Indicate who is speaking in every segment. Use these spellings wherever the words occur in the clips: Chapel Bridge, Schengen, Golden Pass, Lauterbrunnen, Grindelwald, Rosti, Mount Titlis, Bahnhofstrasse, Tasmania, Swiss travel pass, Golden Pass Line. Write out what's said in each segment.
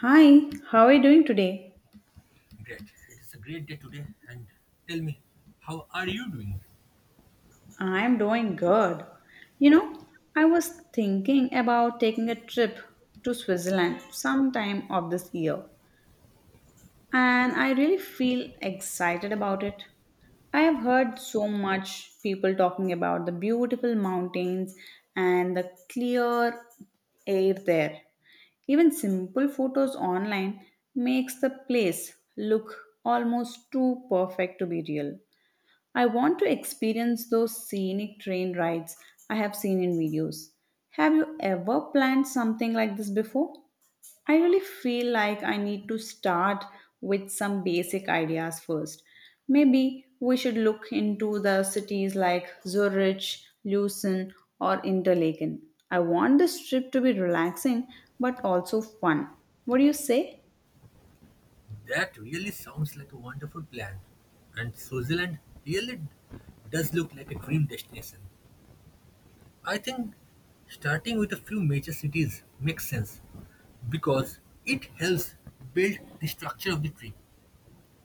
Speaker 1: Hi, how are you doing today?
Speaker 2: Great. It is a great day today. And tell me, how are you doing?
Speaker 1: I'm doing good. You know, I was thinking about taking a trip to Switzerland sometime of this year, and I really feel excited about it. I have heard so much people talking about the beautiful mountains and the clear air there. Even simple photos online makes the place look almost too perfect to be real. I want to experience those scenic train rides I have seen in videos. Have you ever planned something like this before? I really feel like I need to start with some basic ideas first. Maybe we should look into the cities like Zurich, Lucerne, or Interlaken. I want this trip to be relaxing but also fun. What do you say?
Speaker 2: That really sounds like a wonderful plan. And Switzerland really does look like a dream destination. I think starting with a few major cities makes sense because it helps build the structure of the trip.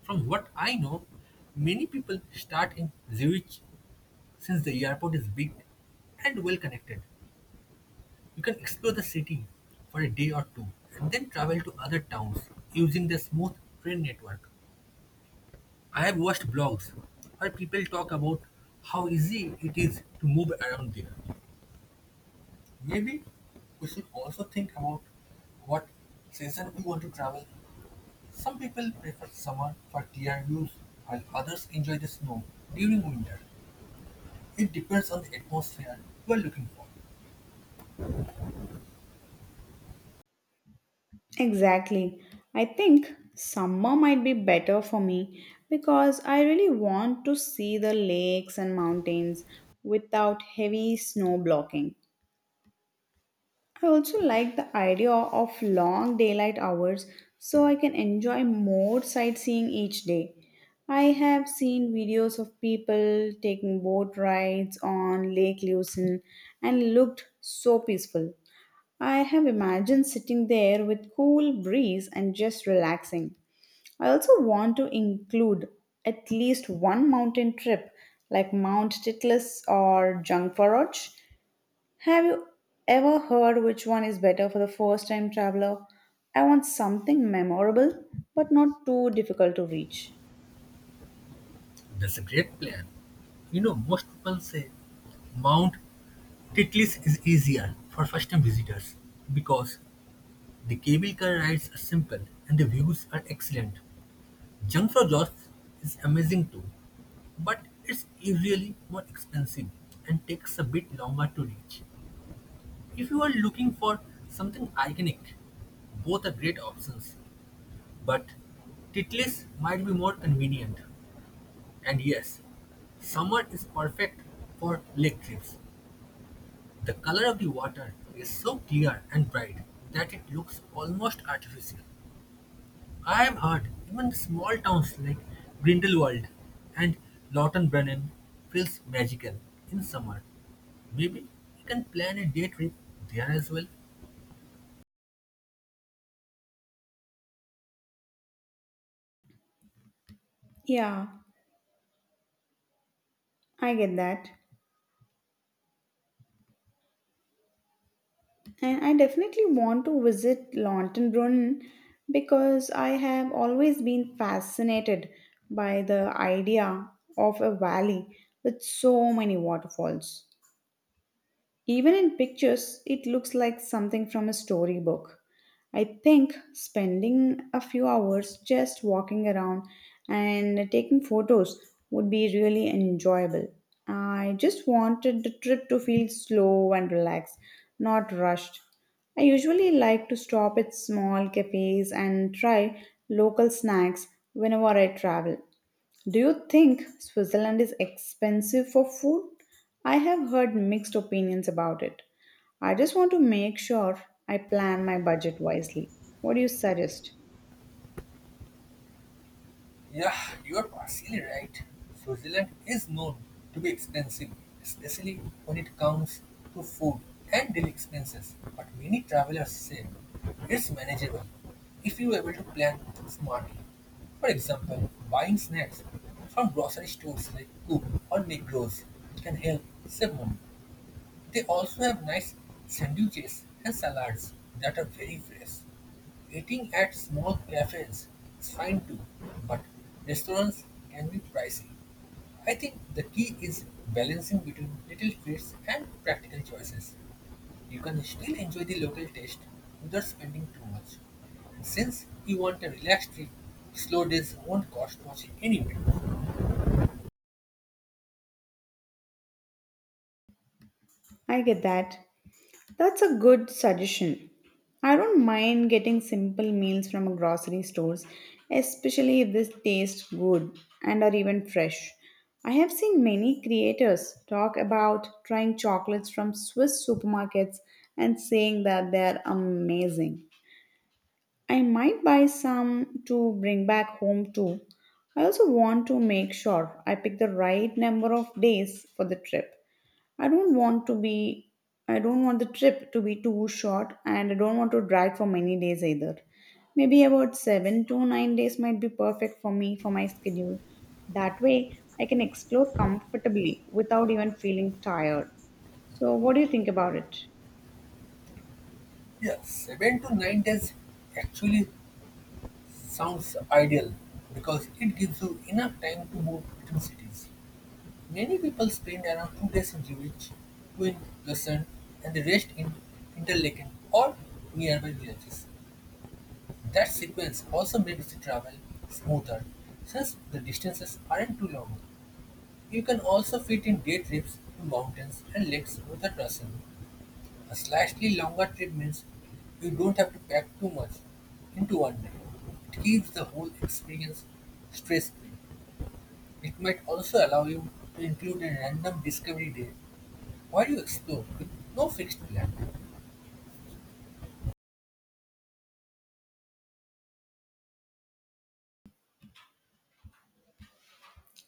Speaker 2: From what I know, many people start in Zurich since the airport is big and well connected. You can explore the city for a day or two and then travel to other towns using the smooth train network. I have watched blogs where people talk about how easy it is to move around there. Maybe we should also think about what season we want to travel. Some people prefer summer for clear views while others enjoy the snow during winter. It depends on the atmosphere you are looking for.
Speaker 1: Exactly. I think summer might be better for me because I really want to see the lakes and mountains without heavy snow blocking. I also like the idea of long daylight hours so I can enjoy more sightseeing each day. I have seen videos of people taking boat rides on Lake Lucerne and looked so peaceful. I have imagined sitting there with cool breeze and just relaxing. I also want to include at least one mountain trip like Mount Titlis or Jungfraujoch. Have you ever heard which one is better for the first time traveler? I want something memorable but not too difficult to reach.
Speaker 2: That's a great plan. You know, most people say Mount Titlis is easier for first-time visitors because the cable car rides are simple and the views are excellent. Jungfraujoch is amazing too, but it's usually more expensive and takes a bit longer to reach. If you are looking for something iconic, both are great options, but Titlis might be more convenient. And yes, summer is perfect for lake trips. The color of the water is so clear and bright that it looks almost artificial. I have heard even the small towns like Grindelwald and Lautenbrunnen feels magical in summer. Maybe we can plan a day trip there as well.
Speaker 1: Yeah, I get that. And I definitely want to visit Lautenbrunnen because I have always been fascinated by the idea of a valley with so many waterfalls. Even in pictures, it looks like something from a storybook. I think spending a few hours just walking around and taking photos would be really enjoyable. I just wanted the trip to feel slow and relaxed, not rushed. I usually like to stop at small cafes and try local snacks whenever I travel. Do you think Switzerland is expensive for food? I have heard mixed opinions about it. I just want to make sure I plan my budget wisely. What do you suggest?
Speaker 2: Yeah, you're partially right. Switzerland is known to be expensive, especially when it comes to food and daily expenses. But many travelers say it's manageable if you are able to plan smartly. For example, buying snacks from grocery stores like Coop or Migros can help save money. They also have nice sandwiches and salads that are very fresh. Eating at small cafes is fine too, but restaurants can be pricey. I think the key is balancing between little treats and practical choices. You can still enjoy the local taste without spending too much. Since you want a relaxed trip, slow days won't cost much anyway.
Speaker 1: I get that. That's a good suggestion. I don't mind getting simple meals from grocery stores, especially if they taste good and are even fresh. I have seen many creators talk about trying chocolates from Swiss supermarkets and saying that they are amazing. I might buy some to bring back home too. I also want to make sure I pick the right number of days for the trip. I don't want to be I don't want the trip to be too short and I don't want to drag for many days either. Maybe about 7 to 9 days might be perfect for me for my schedule. That way I can explore comfortably without even feeling tired. So what do you think about it?
Speaker 2: Yeah, 7 to 9 days actually sounds ideal because it gives you enough time to move between cities. Many people spend around 2 days in Zurich, two in Lausanne, and the rest in Interlaken or nearby villages. That sequence also makes the travel smoother since the distances aren't too long. You can also fit in day trips to mountains and lakes without rushing. A slightly longer trip means you don't have to pack too much into one day. It keeps the whole experience stress-free. It might also allow you to include a random discovery day where you explore with no fixed plan.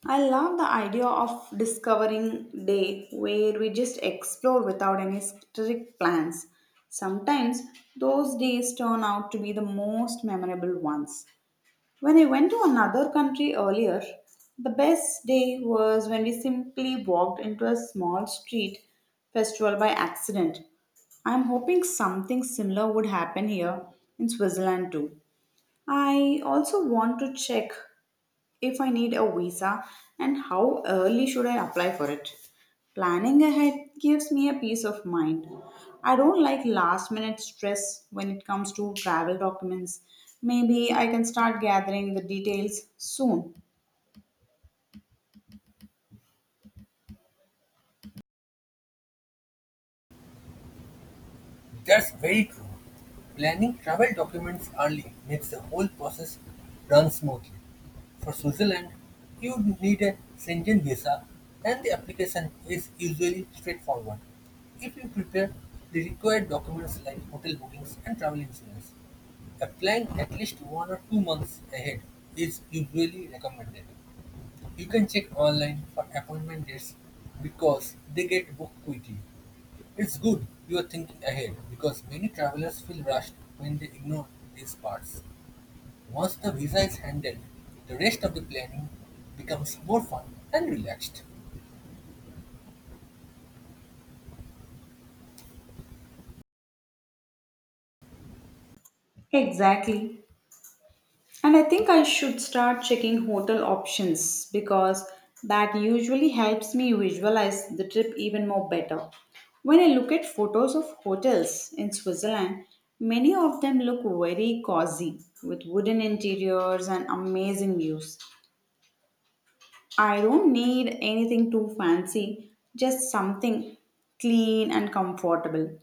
Speaker 1: I love the idea of discovering day where we just explore without any strict plans. Sometimes those days turn out to be the most memorable ones. When I went to another country earlier, the best day was when we simply walked into a small street festival by accident. I'm hoping something similar would happen here in Switzerland too. I also want to check if I need a visa and how early should I apply for it. Planning ahead gives me a peace of mind. I don't like last minute stress when it comes to travel documents. Maybe I can start gathering the details soon.
Speaker 2: That's very true. Planning travel documents early makes the whole process run smoothly. For Switzerland, you need a Schengen visa and the application is usually straightforward. If you prepare the required documents like hotel bookings and travel insurance, applying at least 1 or 2 months ahead is usually recommended. You can check online for appointment dates because they get booked quickly. It's good you are thinking ahead because many travelers feel rushed when they ignore these parts. Once the visa is handled, the rest of the planning becomes more fun and relaxed.
Speaker 1: Exactly. And I think I should start checking hotel options because that usually helps me visualize the trip even more better. When I look at photos of hotels in Switzerland, many of them look very cozy with wooden interiors and amazing views. I don't need anything too fancy, just something clean and comfortable.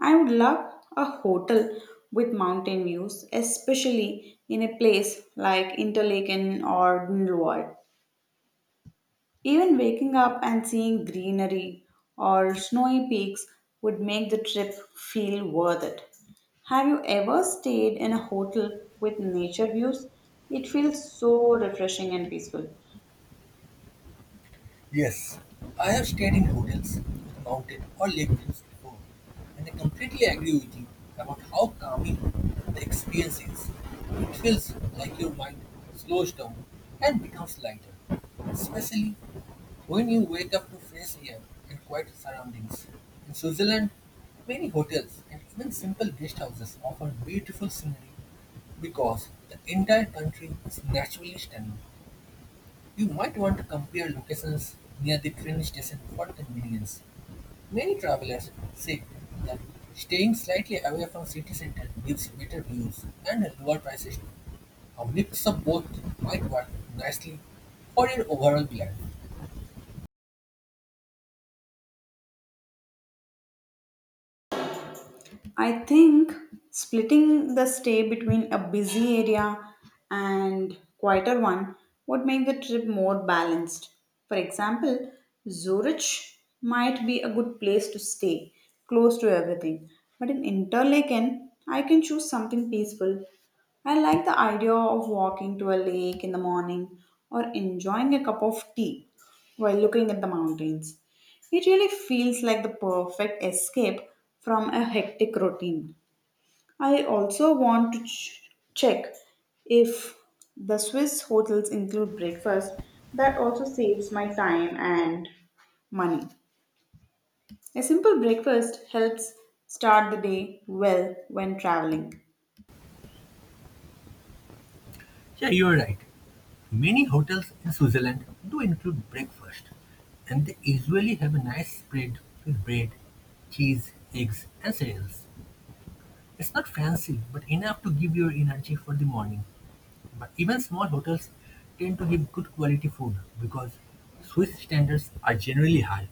Speaker 1: I would love a hotel with mountain views, especially in a place like Interlaken or Grindelwald. Even waking up and seeing greenery or snowy peaks would make the trip feel worth it. Have you ever stayed in a hotel with nature views? It feels so refreshing and peaceful.
Speaker 2: Yes, I have stayed in hotels, mountain or lake views before, and I completely agree with you about how calming the experience is. It feels like your mind slows down and becomes lighter, especially when you wake up to fresh air and quiet surroundings. In Switzerland, many hotels and even simple guest houses offer beautiful scenery because the entire country is naturally stunning. You might want to compare locations near the train station for convenience. Many travelers say that staying slightly away from city center gives better views and lower prices. A mix of both might work nicely for your overall plan.
Speaker 1: I think splitting the stay between a busy area and quieter one would make the trip more balanced. For example, Zurich might be a good place to stay, close to everything. But in Interlaken, I can choose something peaceful. I like the idea of walking to a lake in the morning or enjoying a cup of tea while looking at the mountains. It really feels like the perfect escape from a hectic routine. I also want to check if the Swiss hotels include breakfast. That also saves my time and money. A simple breakfast helps start the day well when traveling.
Speaker 2: Yeah, you're right. Many hotels in Switzerland do include breakfast, and they usually have a nice spread with bread, cheese, eggs, and cereals. It's not fancy, but enough to give your energy for the morning. But even small hotels tend to give good quality food because Swiss standards are generally high.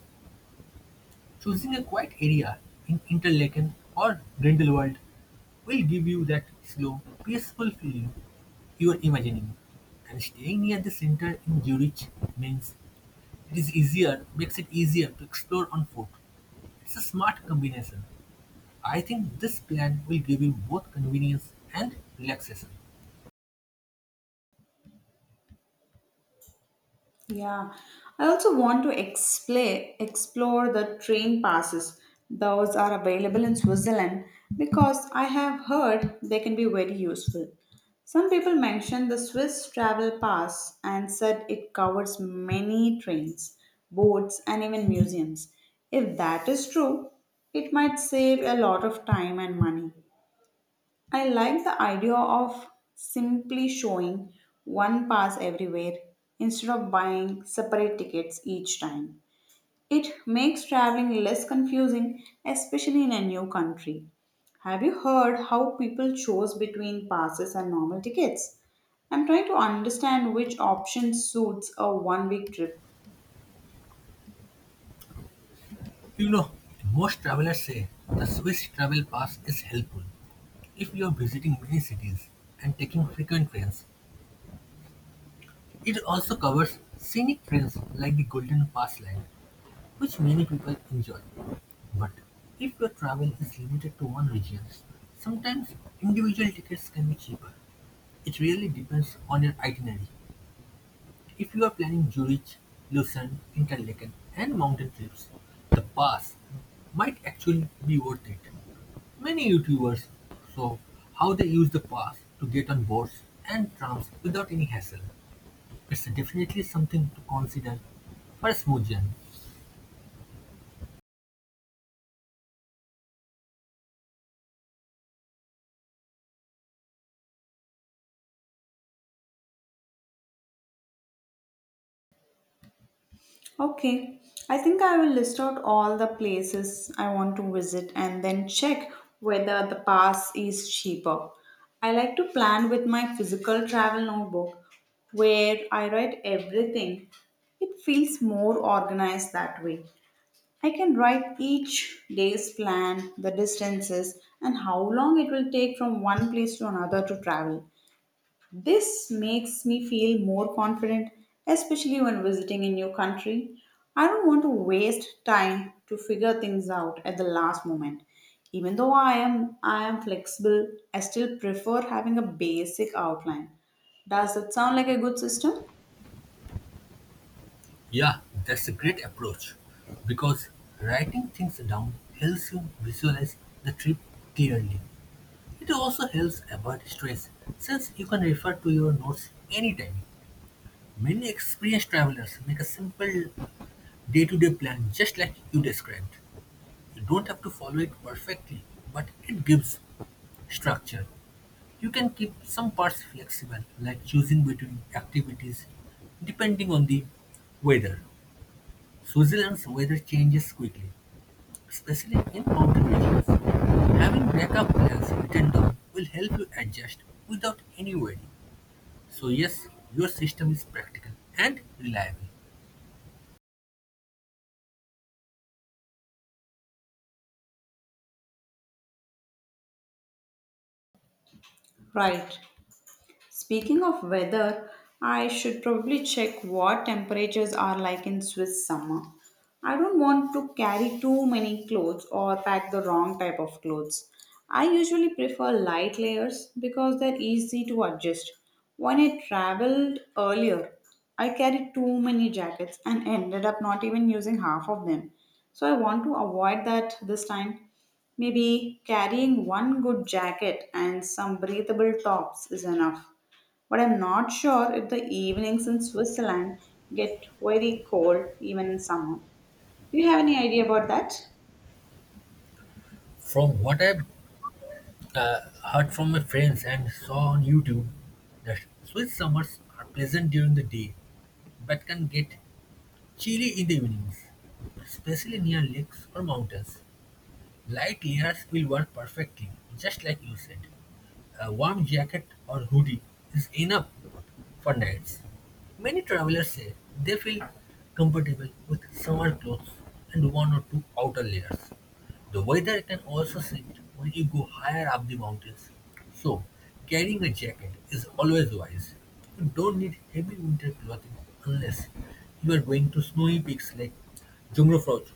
Speaker 2: Choosing a quiet area in Interlaken or Grindelwald will give you that slow, peaceful feeling you are imagining. And staying near the center in Zurich means makes it easier to explore on foot. It's a smart combination. I think this plan will give you both convenience and relaxation.
Speaker 1: Yeah, I also want to explain explore the train passes. Those are available in Switzerland because I have heard they can be very useful. Some people mentioned the Swiss travel pass and said it covers many trains, boats, and even museums. If that is true, it might save a lot of time and money. I like the idea of simply showing one pass everywhere instead of buying separate tickets each time. It makes traveling less confusing, especially in a new country. Have you heard how people chose between passes and normal tickets? I'm trying to understand which option suits a one week trip.
Speaker 2: You know, most travelers say the Swiss travel pass is helpful. If you are visiting many cities and taking frequent trains, it also covers scenic trails like the Golden Pass Line, which many people enjoy. But if your travel is limited to one region, sometimes individual tickets can be cheaper. It really depends on your itinerary. If you are planning Zurich, Lucerne, Interlaken and mountain trips, the pass might actually be worth it. Many YouTubers show how they use the pass to get on boats and trams without any hassle. It's definitely something to consider for a smooth journey.
Speaker 1: Okay, I think I will list out all the places I want to visit and then check whether the pass is cheaper. I like to plan with my physical travel notebook where I write everything. It feels more organized that way. I can write each day's plan, the distances, and how long it will take from one place to another to travel. This makes me feel more confident, especially when visiting a new country. I don't want to waste time to figure things out at the last moment. Even though I am flexible, I still prefer having a basic outline. Does that sound like a good system?
Speaker 2: Yeah, that's a great approach because writing things down helps you visualize the trip clearly. It also helps avoid stress since you can refer to your notes anytime. Many experienced travelers make a simple day-to-day plan just like you described. You don't have to follow it perfectly, but it gives structure. You can keep some parts flexible, like choosing between activities depending on the weather. Switzerland's weather changes quickly, especially in mountain regions. Having backup plans written down will help you adjust without any worry. So yes, your system is practical and reliable.
Speaker 1: Right. Speaking of weather, I should probably check what temperatures are like in Swiss summer. I don't want to carry too many clothes or pack the wrong type of clothes. I usually prefer light layers because they're easy to adjust. When I traveled earlier, I carried too many jackets and ended up not even using half of them. So I want to avoid that this time. Maybe carrying one good jacket and some breathable tops is enough. But I'm not sure if the evenings in Switzerland get very cold even in summer. Do you have any idea about that?
Speaker 2: From what I've heard from my friends and saw on YouTube that Swiss summers are pleasant during the day but can get chilly in the evenings, especially near lakes or mountains. Light layers will work perfectly, just like you said. A warm jacket or hoodie is enough for nights. Many travelers say they feel comfortable with summer clothes and one or two outer layers. The weather can also shift when you go higher up the mountains, so carrying a jacket is always wise. You don't need heavy winter clothing unless you are going to snowy peaks like Jumrafroch.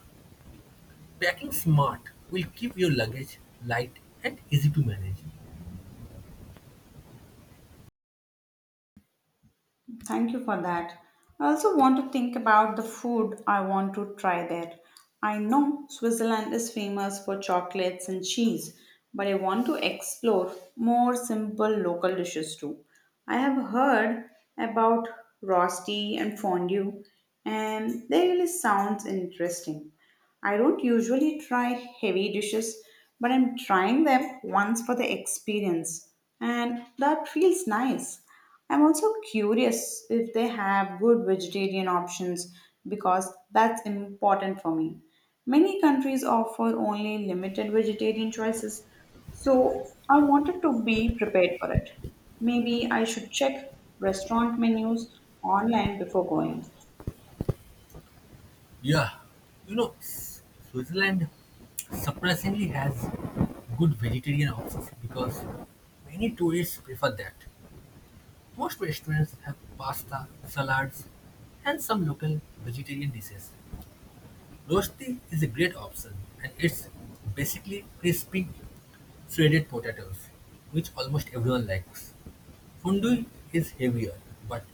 Speaker 2: Packing smart will keep your luggage light and easy to manage.
Speaker 1: Thank you for that. I also want to think about the food I want to try there. I know Switzerland is famous for chocolates and cheese, but I want to explore more simple local dishes too. I have heard about rosti and fondue, and they really sounds interesting. I don't usually try heavy dishes, but I'm trying them once for the experience, and that feels nice. I'm also curious if they have good vegetarian options because that's important for me. Many countries offer only limited vegetarian choices, so I wanted to be prepared for it. Maybe I should check restaurant menus online before going.
Speaker 2: Yeah, you know, Switzerland surprisingly has good vegetarian options because many tourists prefer that. Most restaurants have pasta, salads, and some local vegetarian dishes. Rosti is a great option and it's basically crispy shredded potatoes, which almost everyone likes. Fondue is heavier, but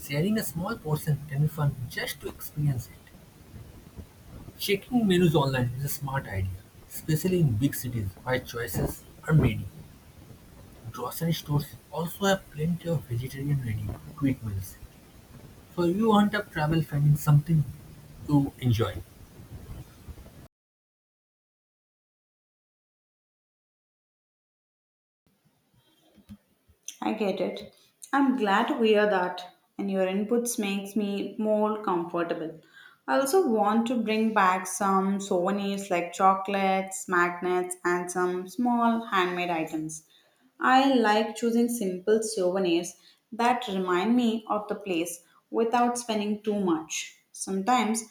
Speaker 2: sharing a small portion can be fun just to experience it. Checking menus online is a smart idea, especially in big cities where choices are many. Grocery stores also have plenty of vegetarian ready quick meals, so you won't have trouble finding something to enjoy.
Speaker 1: I get it. I'm glad to hear that, and your inputs makes me more comfortable. I also want to bring back some souvenirs like chocolates, magnets, and some small handmade items. I like choosing simple souvenirs that remind me of the place without spending too much. Sometimes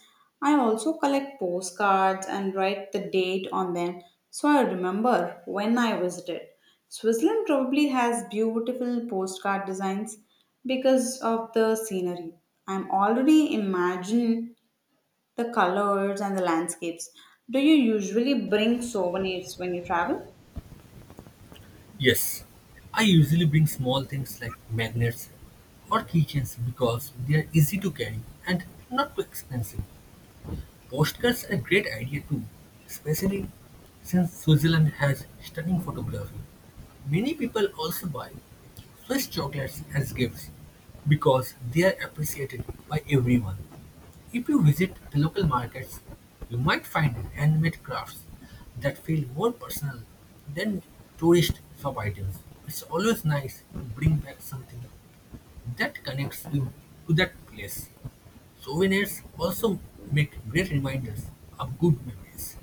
Speaker 1: I also collect postcards and write the date on them so I remember when I visited. Switzerland probably has beautiful postcard designs because of the scenery. I'm already imagining the colors and the landscapes. Do you usually bring souvenirs when you travel?
Speaker 2: Yes, I usually bring small things like magnets or keychains because they are easy to carry and not too expensive. Postcards are a great idea too, especially since Switzerland has stunning photography. Many people also buy Swiss chocolates as gifts because they are appreciated by everyone. If you visit the local markets, you might find handmade crafts that feel more personal than tourist shop items. It's always nice to bring back something that connects you to that place. Souvenirs also make great reminders of good memories.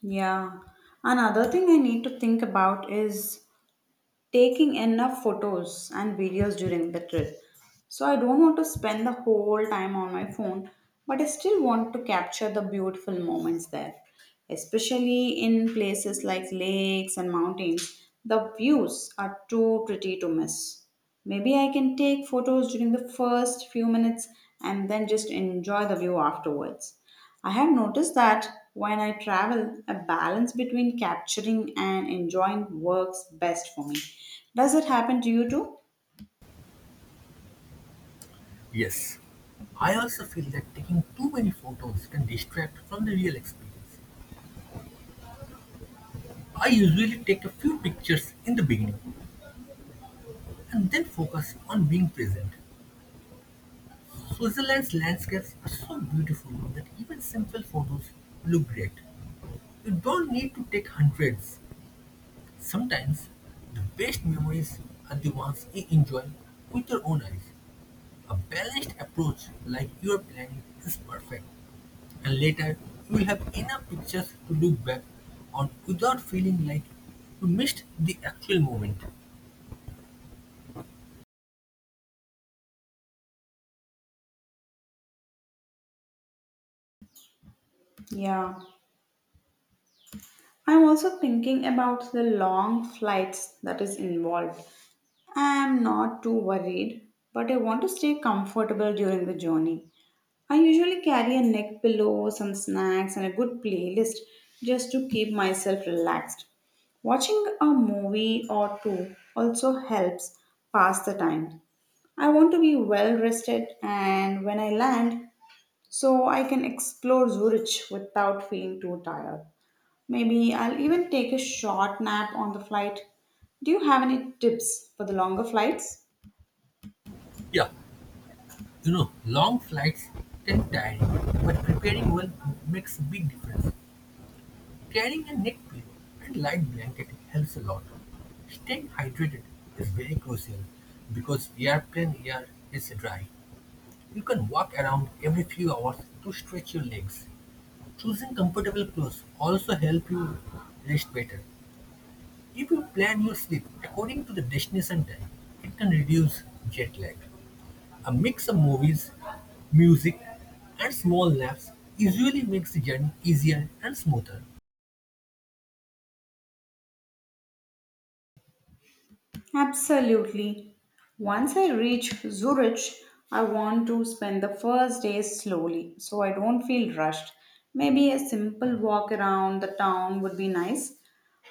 Speaker 1: Yeah. Another thing I need to think about is taking enough photos and videos during the trip. So I don't want to spend the whole time on my phone, but I still want to capture the beautiful moments there. Especially in places like lakes and mountains, the views are too pretty to miss. Maybe I can take photos during the first few minutes and then just enjoy the view afterwards. I have noticed that when I travel, a balance between capturing and enjoying works best for me. Does it happen to you too?
Speaker 2: Yes, I also feel that taking too many photos can distract from the real experience. I usually take a few pictures in the beginning and then focus on being present. Switzerland's landscapes are so beautiful that even simple photos look great. You don't need to take hundreds. Sometimes the best memories are the ones you enjoy with your own eyes. A balanced approach like your are planning is perfect, and later you'll have enough pictures to look back on without feeling like you missed the actual moment.
Speaker 1: Yeah. I'm also thinking about the long flights that is involved. I am not too worried, but I want to stay comfortable during the journey. I usually carry a neck pillow, some snacks, and a good playlist just to keep myself relaxed. Watching a movie or two also helps pass the time. I want to be well rested and when I land, so I can explore Zurich without feeling too tired. Maybe I'll even take a short nap on the flight. Do you have any tips for the longer flights?
Speaker 2: Yeah, you know, long flights can tiring, but preparing well makes a big difference. Carrying a neck pillow and light blanket helps a lot. Staying hydrated is very crucial because airplane air is dry. You can walk around every few hours to stretch your legs. Choosing comfortable clothes also help you rest better. If you plan your sleep according to the destination time, it can reduce jet lag. A mix of movies, music, and small naps usually makes the journey easier and smoother.
Speaker 1: Absolutely. Once I reach Zurich, I want to spend the first days slowly so I don't feel rushed. Maybe a simple walk around the town would be nice.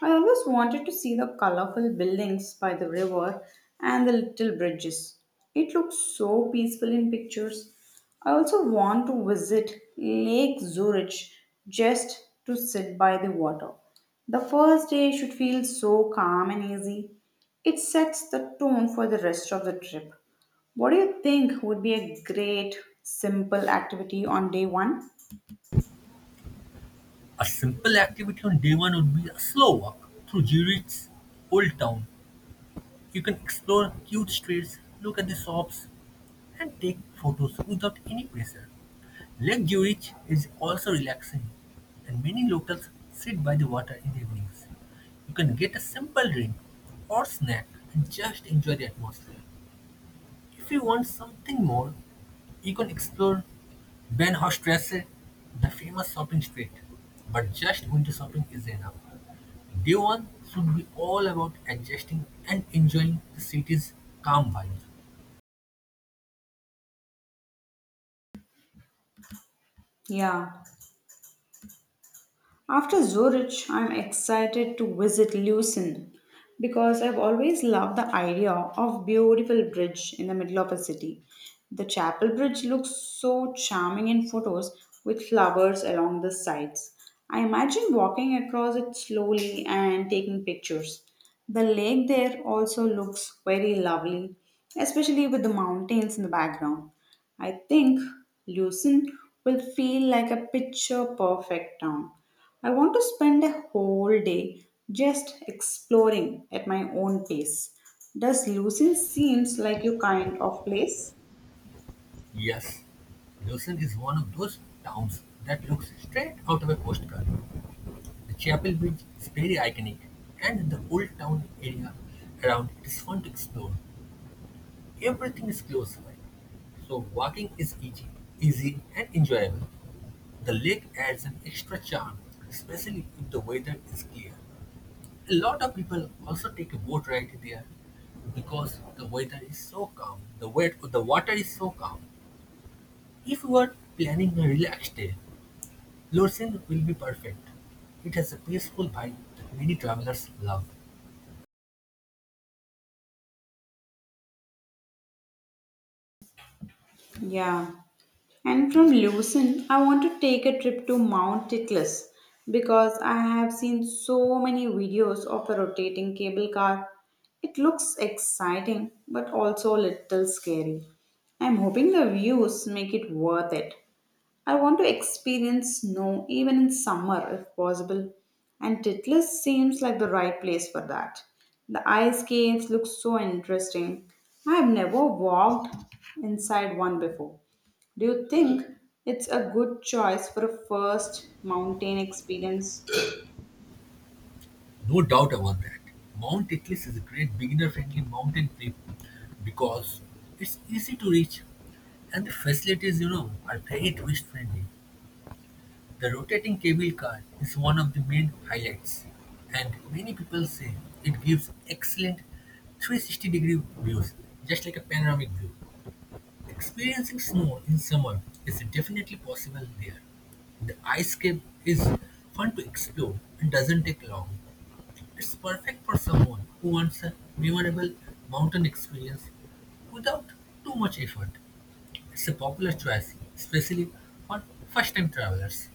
Speaker 1: I always wanted to see the colorful buildings by the river and the little bridges. It looks so peaceful in pictures. I also want to visit Lake Zurich just to sit by the water. The first day should feel so calm and easy. It sets the tone for the rest of the trip. What do you think would be a great, simple activity on day one?
Speaker 2: A simple activity on day one would be a slow walk through Zurich's old town. You can explore cute streets, look at the shops, and take photos without any pressure. Lake Zurich is also relaxing and many locals sit by the water in the evenings. You can get a simple drink or snack and just enjoy the atmosphere. If you want something more, you can explore Bahnhofstrasse, the famous shopping street. But just winter shopping is enough. Day one should be all about adjusting and enjoying the city's calm vibe.
Speaker 1: Yeah. After Zurich, I'm excited to visit Lucerne because I've always loved the idea of beautiful bridge in the middle of a city. The chapel bridge looks so charming in photos with flowers along the sides. I imagine walking across it slowly and taking pictures. The lake there also looks very lovely, especially with the mountains in the background. I think Lucerne will feel like a picture perfect town. I want to spend a whole day just exploring at my own pace. Does Lucerne seems like your kind of place?
Speaker 2: Yes, Lausanne is one of those towns that looks straight out of a postcard. The Chapel Bridge is very iconic, and the old town area around it is fun to explore. Everything is close by, so walking is easy and enjoyable. The lake adds an extra charm, especially if the weather is clear. A lot of people also take a boat ride there because the weather is so calm. The water is so calm. If you are planning a relaxed day, Lursin will be perfect. It has a peaceful vibe that many travelers love.
Speaker 1: Yeah. And from Lucerne, I want to take a trip to Mount Titlis because I have seen so many videos of a rotating cable car. It looks exciting but also a little scary. I'm hoping the views make it worth it. I want to experience snow even in summer if possible, and Titlis seems like the right place for that. The ice caves look so interesting. I have never walked inside one before. Do you think it's a good choice for a first mountain experience?
Speaker 2: No doubt about that. Mount Itlis is a great beginner-friendly mountain trip because it's easy to reach and the facilities, you know, are very tourist-friendly. The rotating cable car is one of the main highlights, and many people say it gives excellent 360-degree views, just like a panoramic view. Experiencing snow in summer is definitely possible there. The ice cave is fun to explore and doesn't take long. It's perfect for someone who wants a memorable mountain experience without too much effort. It's a popular choice, especially for first time travelers.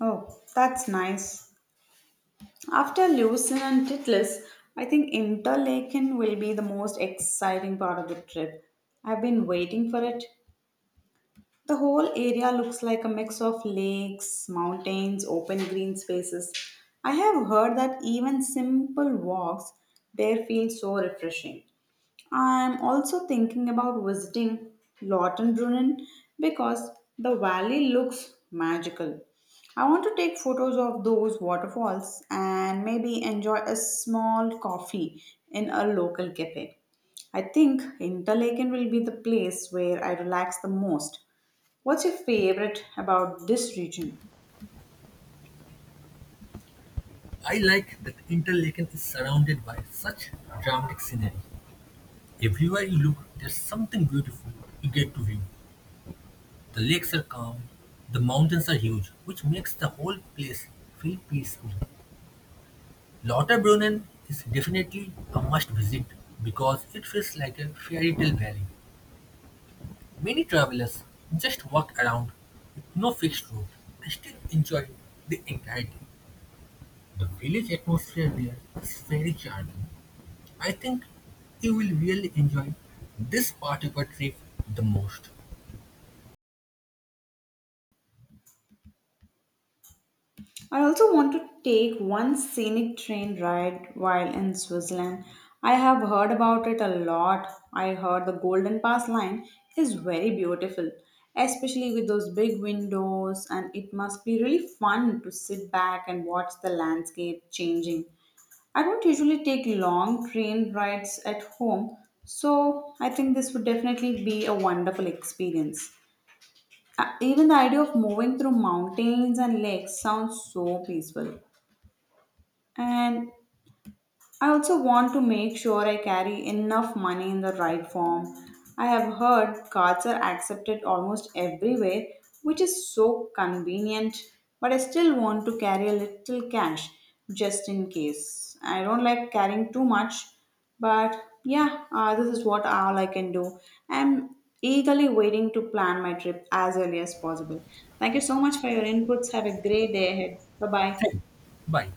Speaker 1: Oh, that's nice. After Lucerne and Titlis, I think Interlaken will be the most exciting part of the trip. I've been waiting for it. The whole area looks like a mix of lakes, mountains, open green spaces. I have heard that even simple walks there feel so refreshing. I'm also thinking about visiting Lautenbrunnen because the valley looks magical. I want to take photos of those waterfalls and maybe enjoy a small coffee in a local cafe. I think Interlaken will be the place where I relax the most. What's your favorite about this region?
Speaker 2: I like that Interlaken is surrounded by such dramatic scenery. Everywhere you look, there's something beautiful you get to view. The lakes are calm, the mountains are huge, which makes the whole place feel peaceful. Lauterbrunnen is definitely a must visit because it feels like a fairy tale valley. Many travelers just walk around with no fixed route and still enjoy the entirety. The village atmosphere there is very charming. I think you will really enjoy this part of our trip the most.
Speaker 1: I also want to take one scenic train ride while in Switzerland. I have heard about it a lot. I heard the Golden Pass line is very beautiful, especially with those big windows, and it must be really fun to sit back and watch the landscape changing. I don't usually take long train rides at home, so I think this would definitely be a wonderful experience. Even the idea of moving through mountains and lakes sounds so peaceful. And I also want to make sure I carry enough money in the right form. I have heard cards are accepted almost everywhere, which is so convenient, but I still want to carry a little cash just in case. I don't like carrying too much, but yeah, this is what all I can do. I'm eagerly waiting to plan my trip as early as possible. Thank you so much for your inputs. Have a great day ahead. Bye bye.
Speaker 2: Thank you. Bye.